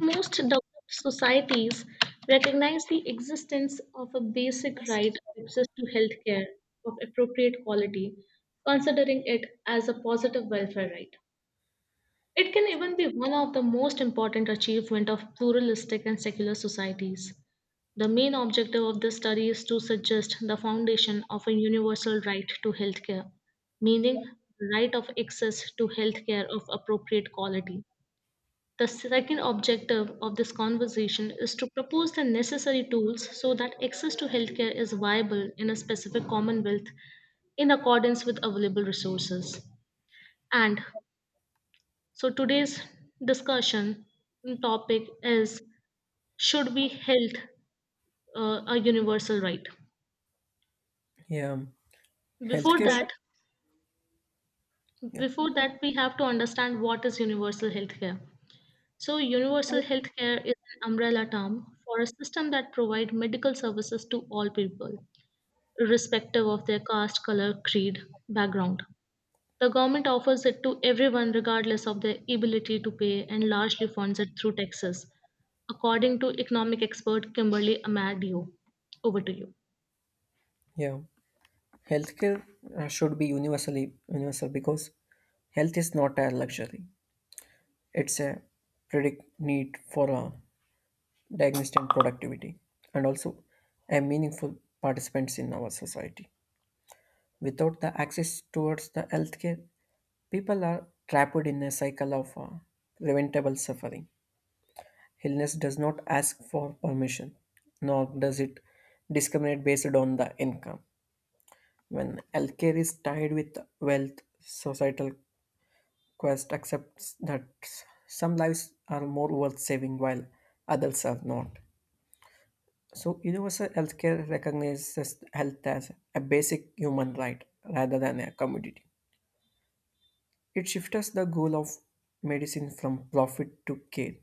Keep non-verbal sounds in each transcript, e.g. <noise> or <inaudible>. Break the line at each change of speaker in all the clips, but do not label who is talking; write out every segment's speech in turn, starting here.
Most developed societies recognize the existence of a basic right of access to healthcare of appropriate quality, considering it as a positive welfare right. It can even be one of the most important achievements of pluralistic and secular societies. The main objective of this study is to suggest the foundation of a universal right to healthcare, meaning the right of access to healthcare of appropriate quality. The second objective of this conversation is to propose the necessary tools so that access to healthcare is viable in a specific commonwealth in accordance with available resources. And so today's discussion topic is should be health a universal right?
Yeah,
Before
healthcare. But Should,
that,
yeah,
before that, we have to understand what is universal healthcare. So, universal healthcare is an umbrella term for a system that provides medical services to all people, irrespective of their caste, color, creed, background. The government offers it to everyone regardless of their ability to pay and largely funds it through taxes, according to economic expert Kimberly Amadio. Over to you.
yeah, healthcare should be universal because health is not a luxury; it's a predict need for a diagnostic and productivity, and also a meaningful participants in our society. Without the access towards the healthcare, people are trapped in a cycle of preventable suffering. Illness does not ask for permission, nor does it discriminate based on the income. When healthcare is tied with wealth, societal quest accepts that some lives are more worth saving while others are not. So, universal healthcare recognizes health as a basic human right rather than a commodity. It shifts the goal of medicine from profit to care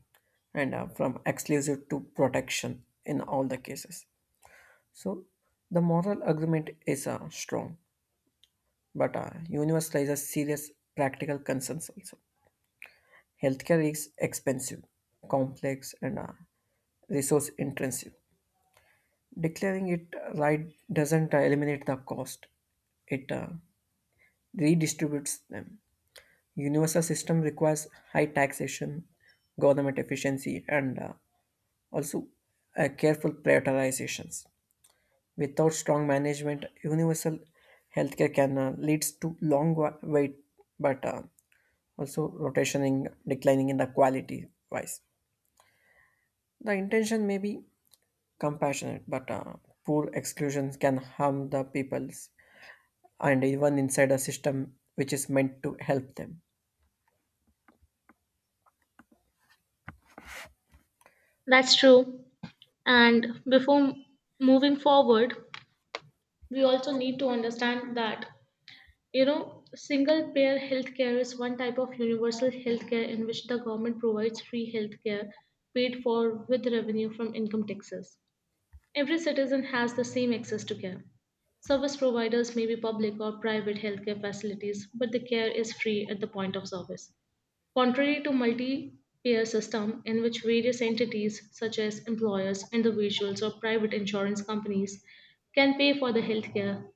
and, from exclusive to protection in all the cases. So, the moral argument is strong. But universe raises serious practical concerns also. Healthcare is expensive, complex, and resource intensive. Declaring it right doesn't eliminate the cost, it redistributes them. Universal system requires high taxation, government efficiency, and, also careful prioritizations. Without strong management, universal healthcare can leads to long wait, but also rotation in declining in the quality wise the intention may be compassionate but poor exclusions can harm the peoples and even inside a system which is meant to help them.
That's true. And before moving forward, we also need to understand that single payer healthcare is one type of universal healthcare in which the government provides free healthcare paid for with revenue from income taxes. Every citizen has the same access to care. Service providers may be public or private healthcare facilities, but the care is free at the point of service. Contrary to multi-payer system in which various entities such as employers, individuals or private insurance companies can pay for the healthcare,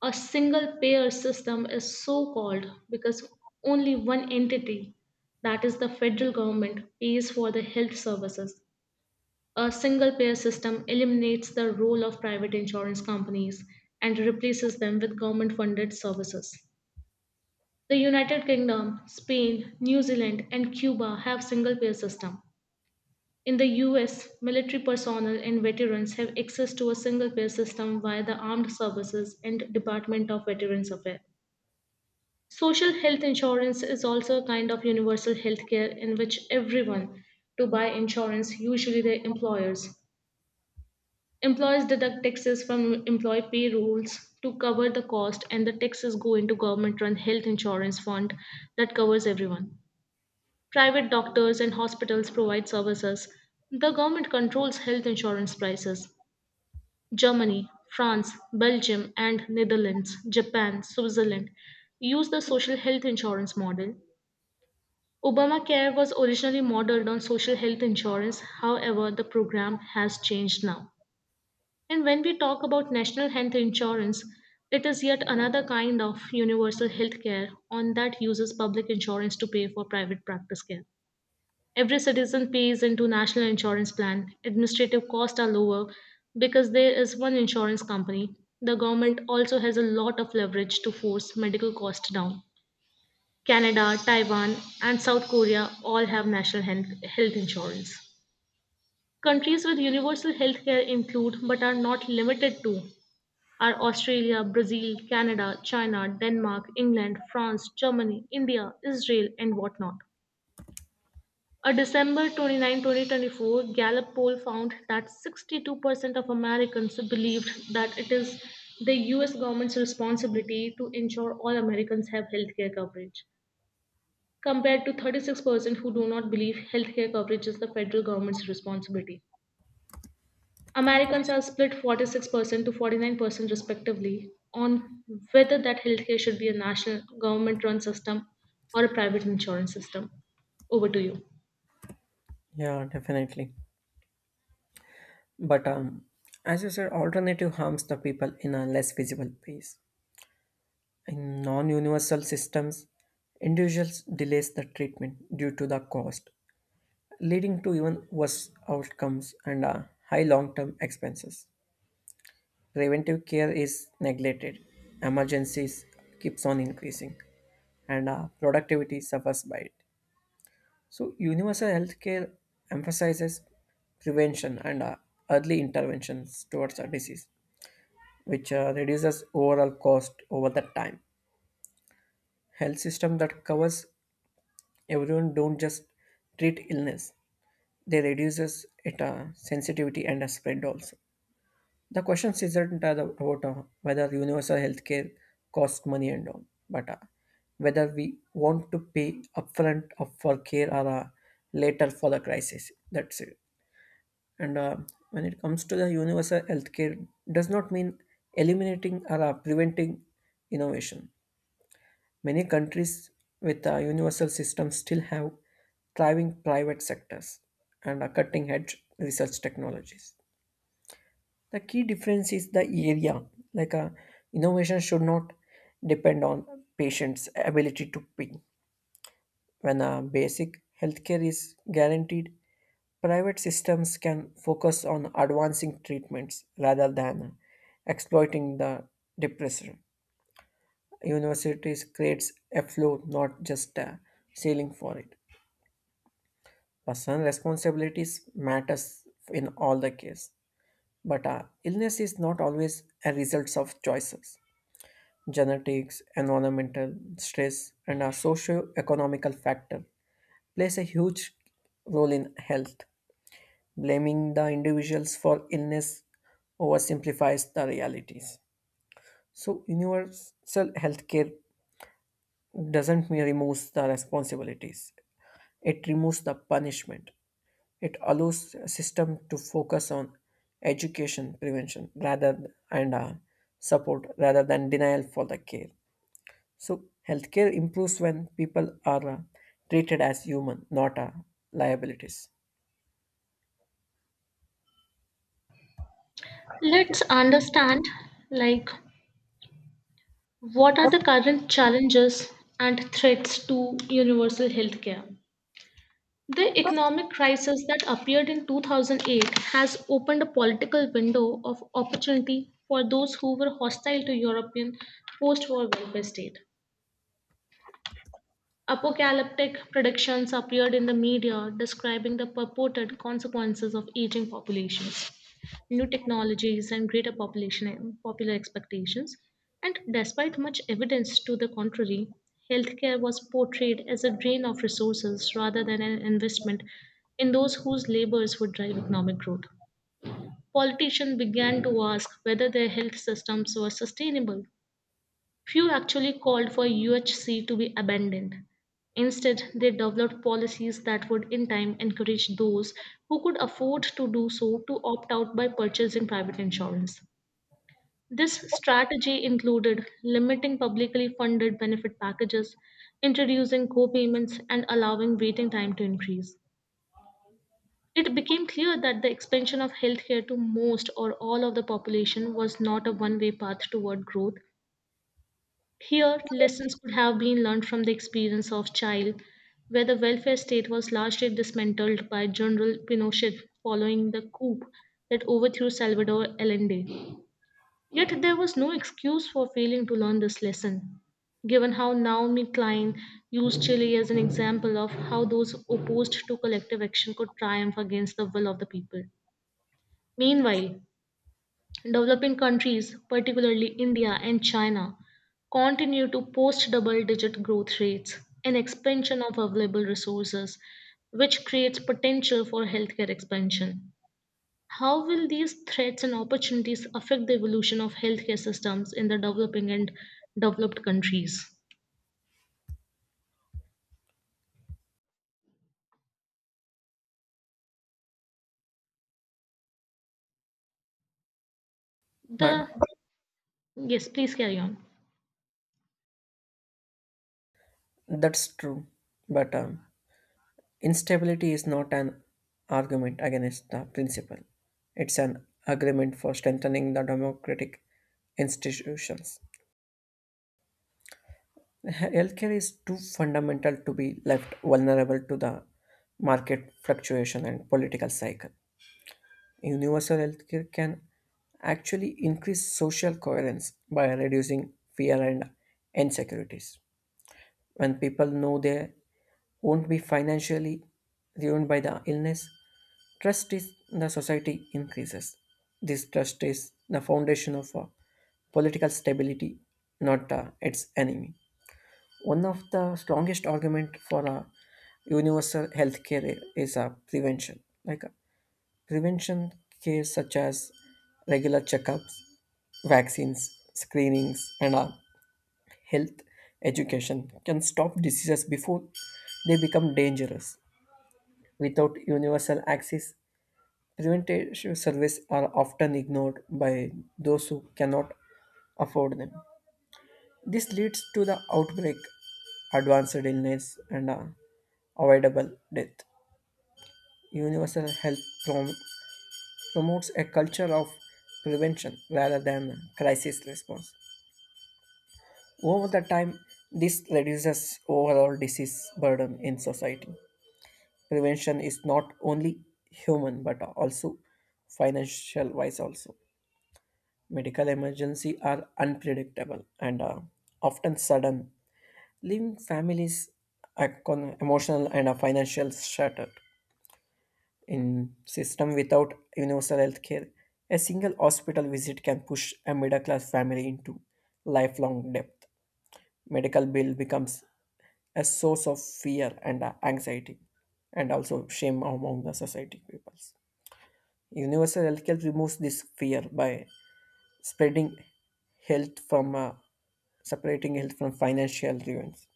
a single payer system is so called because only one entity, that is the federal government, pays for the health services. A single payer system eliminates the role of private insurance companies and replaces them with government funded services. The United Kingdom, Spain, New Zealand, and Cuba have single payer system. In the US, military personnel and veterans have access to a single payer system via the Armed Services and Department of Veterans Affairs. Social health insurance is also a kind of universal health care in which everyone to buy insurance, usually their employers. Employers deduct taxes from employee payrolls to cover the cost, and the taxes go into government run health insurance fund that covers everyone. Private doctors and hospitals provide services. The government controls health insurance prices. Germany, France, Belgium, and Netherlands, Japan, Switzerland use the social health insurance model. Obamacare was originally modeled on social health insurance, however, the program has changed now. And when we talk about national health insurance, it is yet another kind of universal health care on that uses public insurance to pay for private practice care. Every citizen pays into national insurance plan. Administrative costs are lower because there is one insurance company. The government also has a lot of leverage to force medical costs down. Canada, Taiwan, and South Korea all have national health insurance. Countries with universal health care include but are not limited to are Australia, Brazil, Canada, China, Denmark, England, France, Germany, India, Israel, and whatnot. A December 29, 2024 Gallup poll found that 62% of Americans believed that it is the US government's responsibility to ensure all Americans have healthcare coverage, compared to 36% who do not believe healthcare coverage is the federal government's responsibility. Americans are split 46% to 49% respectively on whether that healthcare should be a national government run system or a private insurance system. Over to you.
Yeah, definitely, but as you said alternative harms the people in a less visible ways in non-universal systems individuals delays the treatment due to the cost, leading to even worse outcomes and high long-term expenses. Preventive care is neglected, emergencies keeps on increasing, and productivity suffers by it. So universal healthcare emphasizes prevention and, early interventions towards a disease, which reduces overall cost over the time. Health system that covers everyone don't just treat illness; they reduces it sensitivity and spread also. The question isn't about whether universal healthcare costs money and all, but whether we want to pay upfront for care or later for the crisis. That's it. And, when it comes to the universal healthcare, does not mean eliminating or preventing innovation. Many countries with a universal system still have thriving private sectors and cutting-edge research technologies. The key difference is the area. Like a innovation should not depend on patients' ability to pay. When a basic healthcare is guaranteed, private systems can focus on advancing treatments rather than exploiting the depressor. Universities creates a floor, not just a ceiling for it. Personal responsibilities matters in all the case, but illness is not always a result of choices. Genetics, environmental stress, and our socio-economical factor plays a huge role in health. Blaming the individuals for illness oversimplifies the realities. So universal healthcare doesn't merely remove the responsibilities. It removes the punishment. It allows a system to focus on education prevention rather and, support rather than denial for the care. So healthcare improves when people are treated as human, not liabilities.
Let's understand like what are the current challenges and threats to universal healthcare. The economic crisis that appeared in 2008 has opened a political window of opportunity for those who were hostile to European post-war welfare state. Apocalyptic predictions appeared in the media describing the purported consequences of aging populations, new technologies, and greater population popular expectations. And despite much evidence to the contrary, healthcare was portrayed as a drain of resources rather than an investment in those whose labors would drive economic growth. Politicians began to ask whether their health systems were sustainable. Few actually called for UHC to be abandoned. Instead, they developed policies that would in time encourage those who could afford to do so to opt out by purchasing private insurance. This strategy included limiting publicly funded benefit packages, introducing co payments, and allowing waiting time to increase. It became clear that the expansion of healthcare to most or all of the population was not a one way path toward growth. Here, lessons could have been learned from the experience of Chile, where the welfare state was largely dismantled by General Pinochet following the coup that overthrew Salvador Allende. Yet there was no excuse for failing to learn this lesson, given how Naomi Klein used Chile as an example of how those opposed to collective action could triumph against the will of the people. Meanwhile, developing countries, particularly India and China, continue to post double digit growth rates and expansion of available resources, which creates potential for healthcare expansion. How will these threats and opportunities affect the evolution of healthcare systems in the developing and developed countries?
Ma-
The Yes, please carry on.
That's true, but instability is not an argument against the principle. It's an agreement for strengthening the democratic institutions. <laughs> Healthcare is too fundamental to be left vulnerable to the market fluctuation and political cycle. Universal healthcare can actually increase social coherence by reducing fear and insecurities. When people know they won't be financially ruined by the illness, trust is the society increases. This trust is the foundation of political stability, not its enemy. One of the strongest argument for a universal healthcare is prevention. Like prevention care such as regular checkups, vaccines, screenings, and, health education can stop diseases before they become dangerous. Without universal access, preventive services are often ignored by those who cannot afford them. This leads to the outbreak, advanced illness, and, avoidable death. Universal health prom- promotes a culture of prevention rather than crisis response. Over the time, this reduces overall disease burden in society. Prevention is not only human but also financial wise also. Medical emergencies are unpredictable and, often sudden, leaving families emotional and financial shattered. In system without universal health care, a single hospital visit can push a middle class family into lifelong debt. Medical bill becomes a source of fear and, anxiety and also shame among the society peoples. Universal health care removes this fear by spreading health from, separating health from financial ruins.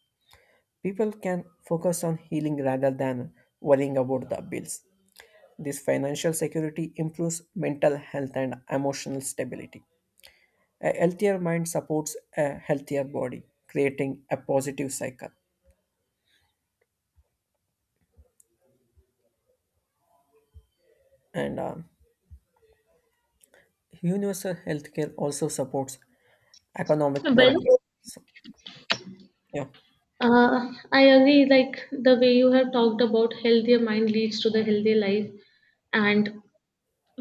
People can focus on healing rather than worrying about the bills. This financial security improves mental health and emotional stability. A healthier mind supports a healthier body, creating a positive cycle. And, universal healthcare also supports economic
Well,
productivity. So, yeah,
I agree. Like the way you have talked about healthier mind leads to the healthy life, and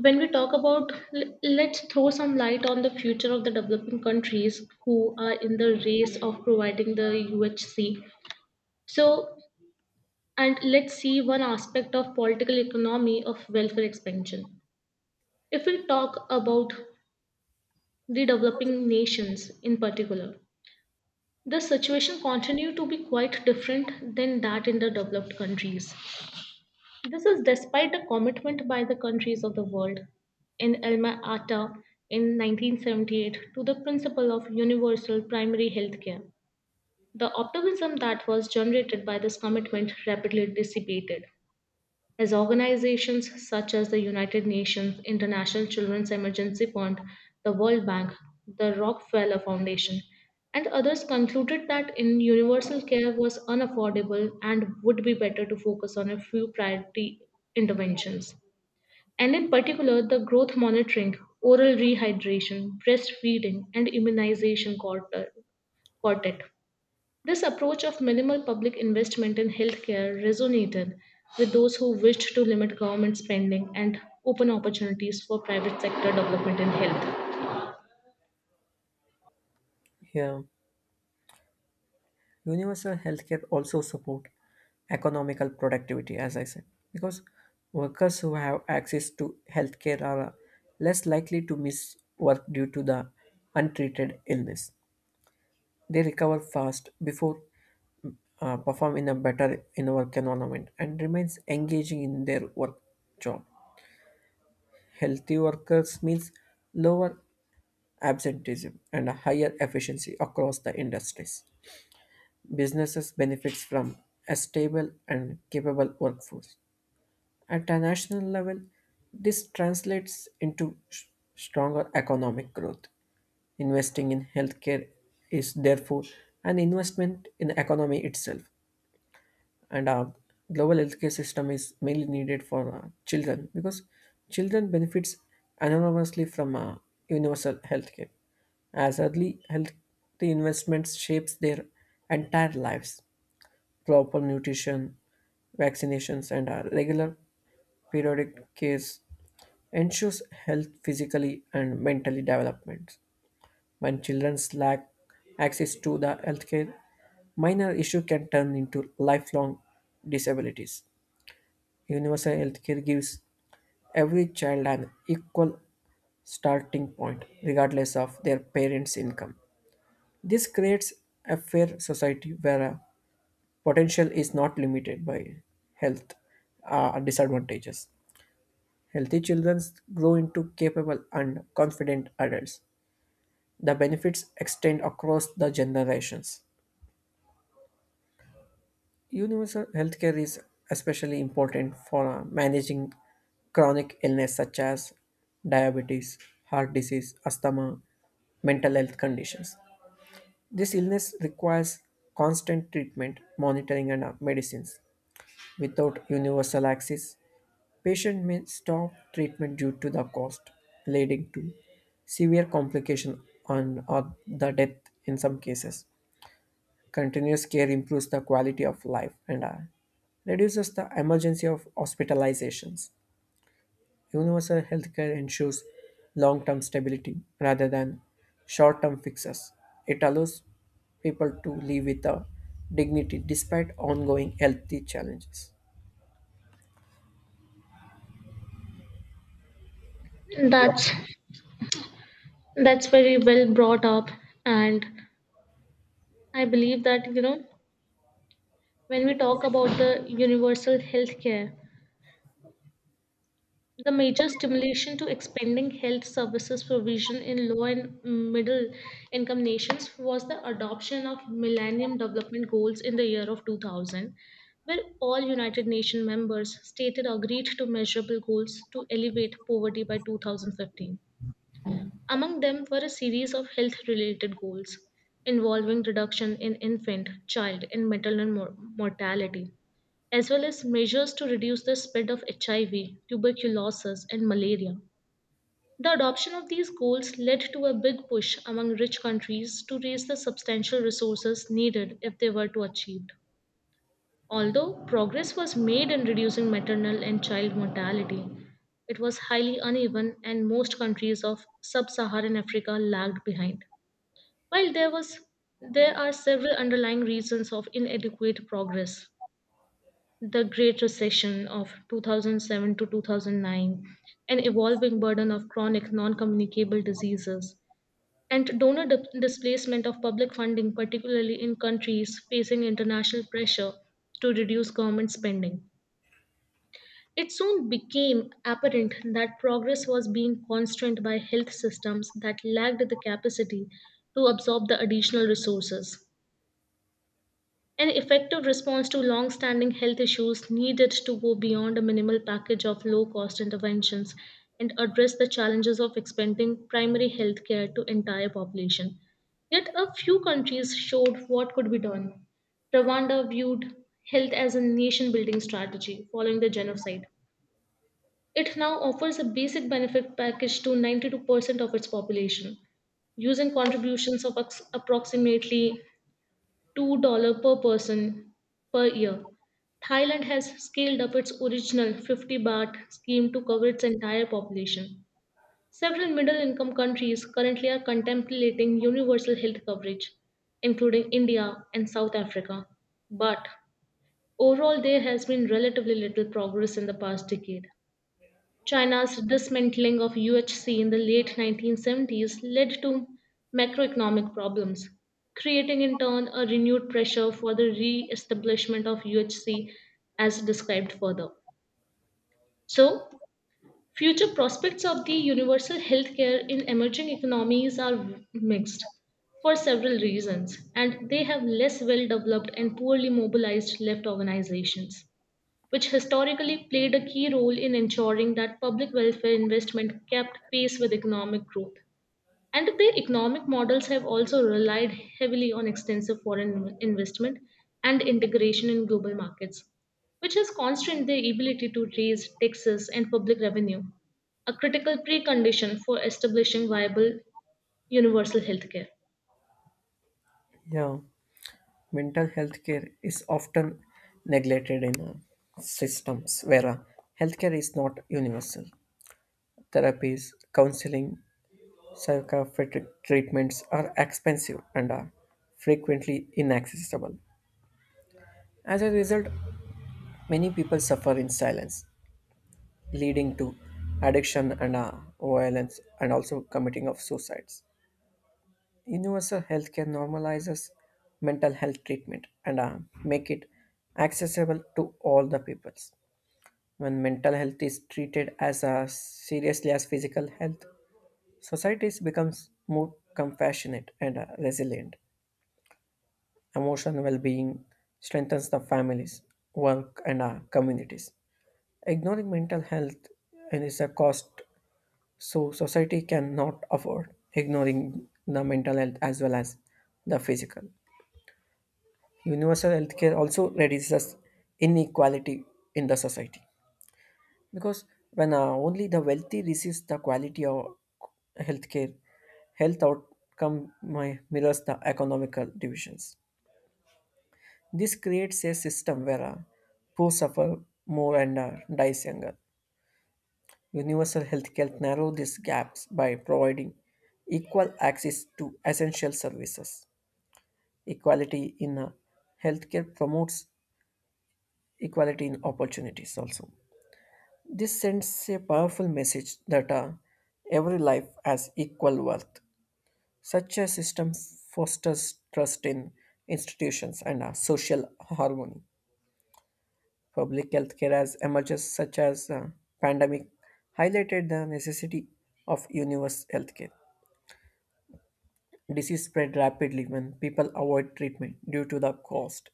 when we talk about let's throw some light on the future of the developing countries who are in the race of providing the UHC, so and let's see one aspect of political economy of welfare expansion. If we talk about the developing nations in particular, the situation continue to be quite different than that in the developed countries. This is despite a commitment by the countries of the world in Alma Ata in 1978 to the principle of universal primary health care. The optimism that was generated by this commitment rapidly dissipated, as organizations such as the United Nations International Children's Emergency Fund, the World Bank, the Rockefeller Foundation, and others concluded that in universal care was unaffordable and would be better to focus on a few priority interventions. And in particular, the growth monitoring, oral rehydration, breastfeeding, and immunization quartet. This approach of minimal public investment in healthcare resonated with those who wished to limit government spending and open opportunities for private sector development in health.
yeah. Universal healthcare also support economical productivity, as I said, because workers who have access to healthcare are less likely to miss work due to the untreated illness. They recover fast before perform in a better in work environment and remains engaging in their work job. Healthy workers means lower absenteeism and a higher efficiency across the industries. Businesses benefits from a stable and capable workforce. At a national level, this translates into stronger economic growth. Investing in healthcare is therefore an investment in the economy itself. And, global healthcare system is mainly needed for children because children benefits enormously from universal healthcare as early healthy investments shapes their entire lives, proper nutrition, vaccinations and, regular periodic cares ensures health physically and mentally development. When children lack access to the healthcare, minor issue can turn into lifelong disabilities. Universal healthcare gives every child an equal starting point, regardless of their parents' income. This creates a fair society where potential is not limited by health disadvantages. Healthy children grow into capable and confident adults. The benefits extend across the generations. Universal healthcare is especially important for managing chronic illness such as diabetes, heart disease, asthma, mental health conditions. This illness requires constant treatment, monitoring, and, medicines. Without universal access, patient may stop treatment due to the cost, leading to severe complication and or the death in some cases. Continuous care improves the quality of life and, reduces the emergency of hospitalizations. Universal healthcare ensures long term stability rather than short term fixes. It allows people to live with a dignity despite ongoing healthy challenges.
That's that's very well brought up, and I believe that when we talk about the universal healthcare, the major stimulation to expanding health services provision in low and middle income nations was the adoption of Millennium Development Goals in the year of 2000, where all United Nations members stated agreed to measurable goals to elevate poverty by 2015. Among them were a series of health related goals involving reduction in infant, child, and maternal mortality, as well as measures to reduce the spread of HIV, tuberculosis, and malaria. The adoption of these goals led to a big push among rich countries to raise the substantial resources needed if they were to achieve. Although progress was made in reducing maternal and child mortality, it was highly uneven and most countries of sub-Saharan Africa lagged behind. While there was There are several underlying reasons of inadequate progress. The Great Recession of 2007 to 2009, an evolving burden of chronic non-communicable diseases, and donor displacement of public funding, particularly in countries facing international pressure to reduce government spending. It soon became apparent that progress was being constrained by health systems that lacked the capacity to absorb the additional resources. An effective response to long standing health issues needed to go beyond a minimal package of low cost interventions and address the challenges of expanding primary health care to entire population. Yet a few countries showed what could be done. Rwanda viewed health as a nation building strategy following the genocide. It now offers a basic benefit package to 92% of its population, using contributions of approximately $2 per person per year. Thailand has scaled up its original 50 baht scheme to cover its entire population. Several middle income countries currently are contemplating universal health coverage, including India and South Africa. But overall, there has been relatively little progress in the past decade. China's dismantling of UHC in the late 1970s led to macroeconomic problems, creating in turn a renewed pressure for the re establishment of UHC as described further. So, future prospects of the universal healthcare in emerging economies are mixed for several reasons, and they have less well developed and poorly mobilized left organizations which historically played a key role in ensuring that public welfare investment kept pace with economic growth. And their economic models have also relied heavily on extensive foreign investment and integration in global markets, which has constrained their ability to raise taxes and public revenue, a critical precondition for establishing viable universal healthcare.
Yeah, mental health care is often neglected in systems where healthcare is not universal. Therapies, counseling, psychiatric treatments are expensive and are frequently inaccessible. As a result, many people suffer in silence, leading to addiction and, violence and also committing of suicides. Universal healthcare normalizes mental health treatment and, make it accessible to all the peoples. When mental health is treated as seriously as physical health, societies becomes more compassionate and, resilient. Emotional well-being strengthens the families, work, and our communities. Ignoring mental health is a cost so society cannot afford. Ignoring the mental health as well as the physical. Universal healthcare also reduces inequality in the society because when only the wealthy receives the quality of healthcare, health outcome mirrors the economical divisions. This creates a system where poor suffer more and, dies younger. Universal healthcare narrow these gaps by providing equal access to essential services. Equality in healthcare promotes equality in opportunities also. This sends a powerful message that every life has equal worth. Such a system fosters trust in institutions and, social harmony. Public healthcare as emerges such as pandemic highlighted the necessity of universal healthcare. Disease spread rapidly when people avoid treatment due to the cost.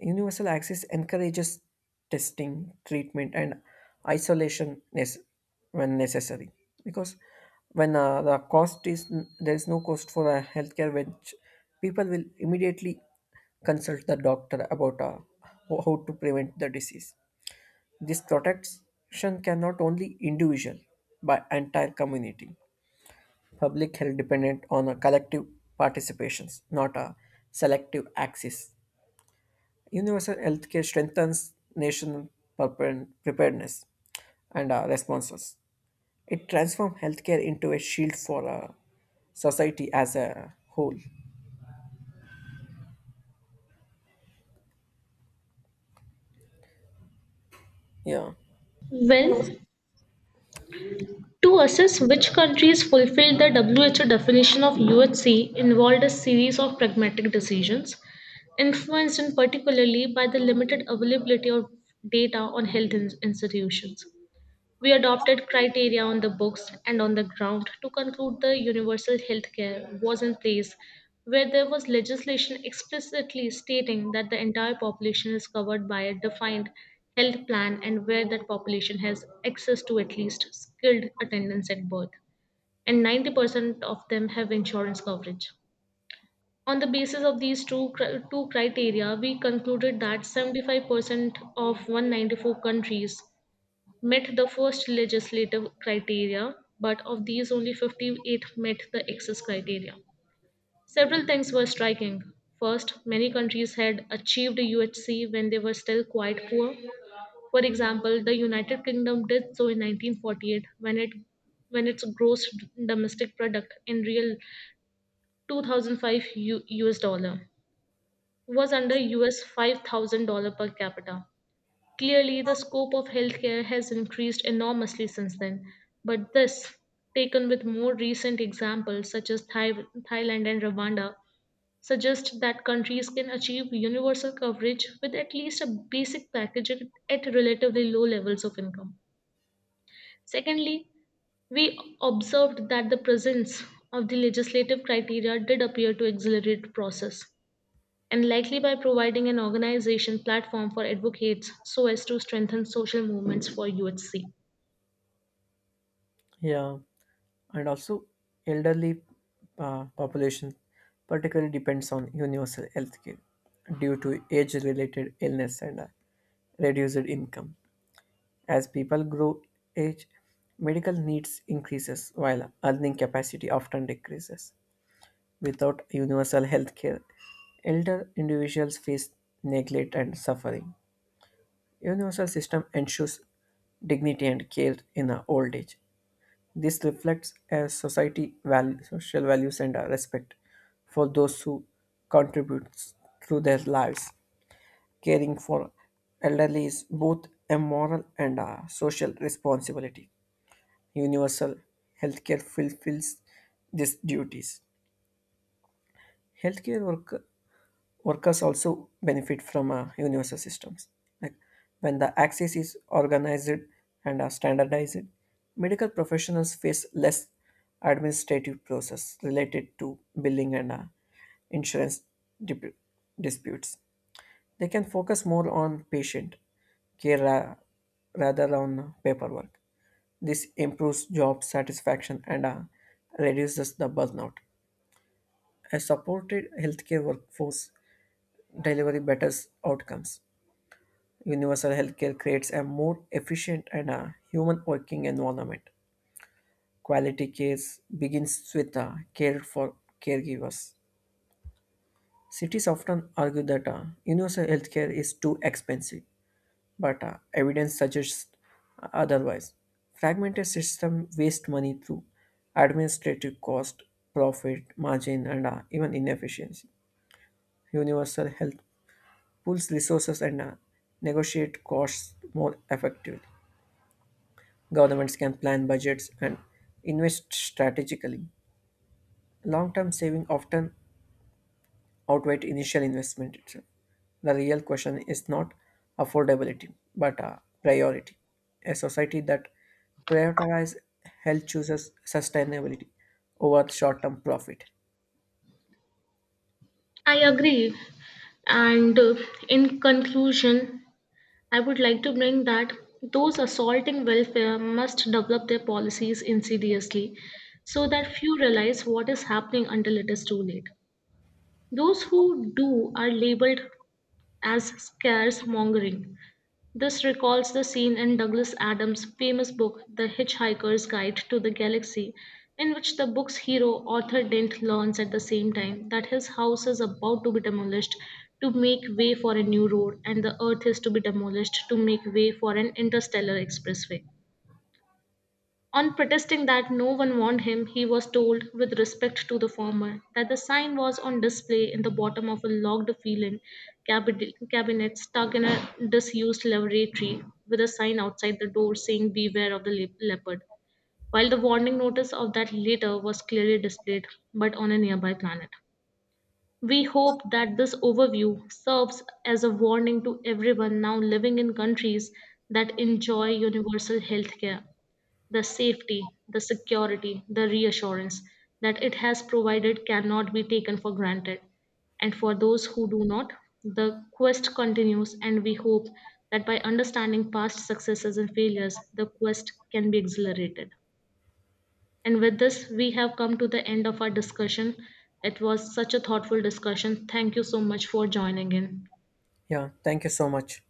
Universal access encourages testing, treatment, and isolation when necessary. Because when the cost is there is no cost for a healthcare, which people will immediately consult the doctor about how to prevent the disease. This protection cannot only individual, but entire community. Public health dependent on a collective participations, not a selective access. Universal healthcare strengthens national preparedness and, responses. It transforms healthcare into a shield for a society as a whole. Yeah.
Well, to assess which countries fulfilled the WHO definition of UHC involved a series of pragmatic decisions, influenced in particularly by the limited availability of data on health institutions. We adopted criteria on the books and on the ground to conclude the universal health care was in place, where there was legislation explicitly stating that the entire population is covered by a defined health plan and where that population has access to at least skilled attendance at birth, and 90% of them have insurance coverage. On the basis of these two criteria, we concluded that 75% of 194 countries met the first legislative criteria, but of these, only 58 met the access criteria. Several things were striking. First, many countries had achieved UHC when they were still quite poor. For example, the United Kingdom did so in 1948 when it when its gross domestic product in real 2005 US dollar was under US $5,000 per capita. Clearly, the scope of healthcare has increased enormously since then, but this, taken with more recent examples such as Thailand and Rwanda, suggests that countries can achieve universal coverage with at least a basic package at relatively low levels of income. Secondly, we observed that the presence of the legislative criteria did appear to accelerate the process and likely by providing an organization platform for advocates so as to strengthen social movements for UHC.
Yeah, and also elderly population particularly depends on universal health care due to age-related illness and, reduced income. As people grow age, medical needs increases while earning capacity often decreases. Without universal health care, elder individuals face neglect and suffering. Universal system ensures dignity and care in old age. This reflects a society value, social values and a respect for those who contribute through their lives. Caring for elderly is both a moral and a social responsibility. Universal healthcare fulfills these duties. Healthcare worker Workers also benefit from universal systems. Like when the access is organized and, standardized, medical professionals face less administrative process related to billing and, insurance dip- disputes. They can focus more on patient care rather on paperwork. This improves job satisfaction and, reduces the burnout. A supported healthcare workforce delivery better outcomes. Universal healthcare creates a more efficient and a human working environment. Quality care begins with care for caregivers. Cities often argue that universal healthcare is too expensive, but evidence suggests otherwise. Fragmented system waste money through administrative cost, profit margin, and, even inefficiency. Universal health pools resources and, negotiate costs more effectively. Governments can plan budgets and invest strategically. Long term saving often outweigh initial investment itself. The real question is not affordability, but priority. A society that prioritizes health chooses sustainability over short term profit.
I agree. And in conclusion, I would like to bring that those assaulting welfare must develop their policies insidiously so that few realize what is happening until it is too late. Those who do are labeled as scarce mongering. This recalls the scene in Douglas Adams' famous book, The Hitchhiker's Guide to the Galaxy, in which the book's hero, Arthur Dent, learns at the same time that his house is about to be demolished to make way for a new road, and the Earth is to be demolished to make way for an interstellar expressway. On protesting that no one warned him, he was told, with respect to the former, that the sign was on display in the bottom of a locked feeling cabinet stuck in a disused laboratory, with a sign outside the door saying, "Beware of the leopard." While the warning notice of that later was clearly displayed, but on a nearby planet. We hope that this overview serves as a warning to everyone now living in countries that enjoy universal health care the safety, the security, the reassurance that it has provided cannot be taken for granted. And for those who do not, the quest continues, and we hope that by understanding past successes and failures, the quest can be exhilarated. And with this, we have come to the end of our discussion. It was such a thoughtful discussion. Thank you so much for joining in.
Yeah, thank you so much.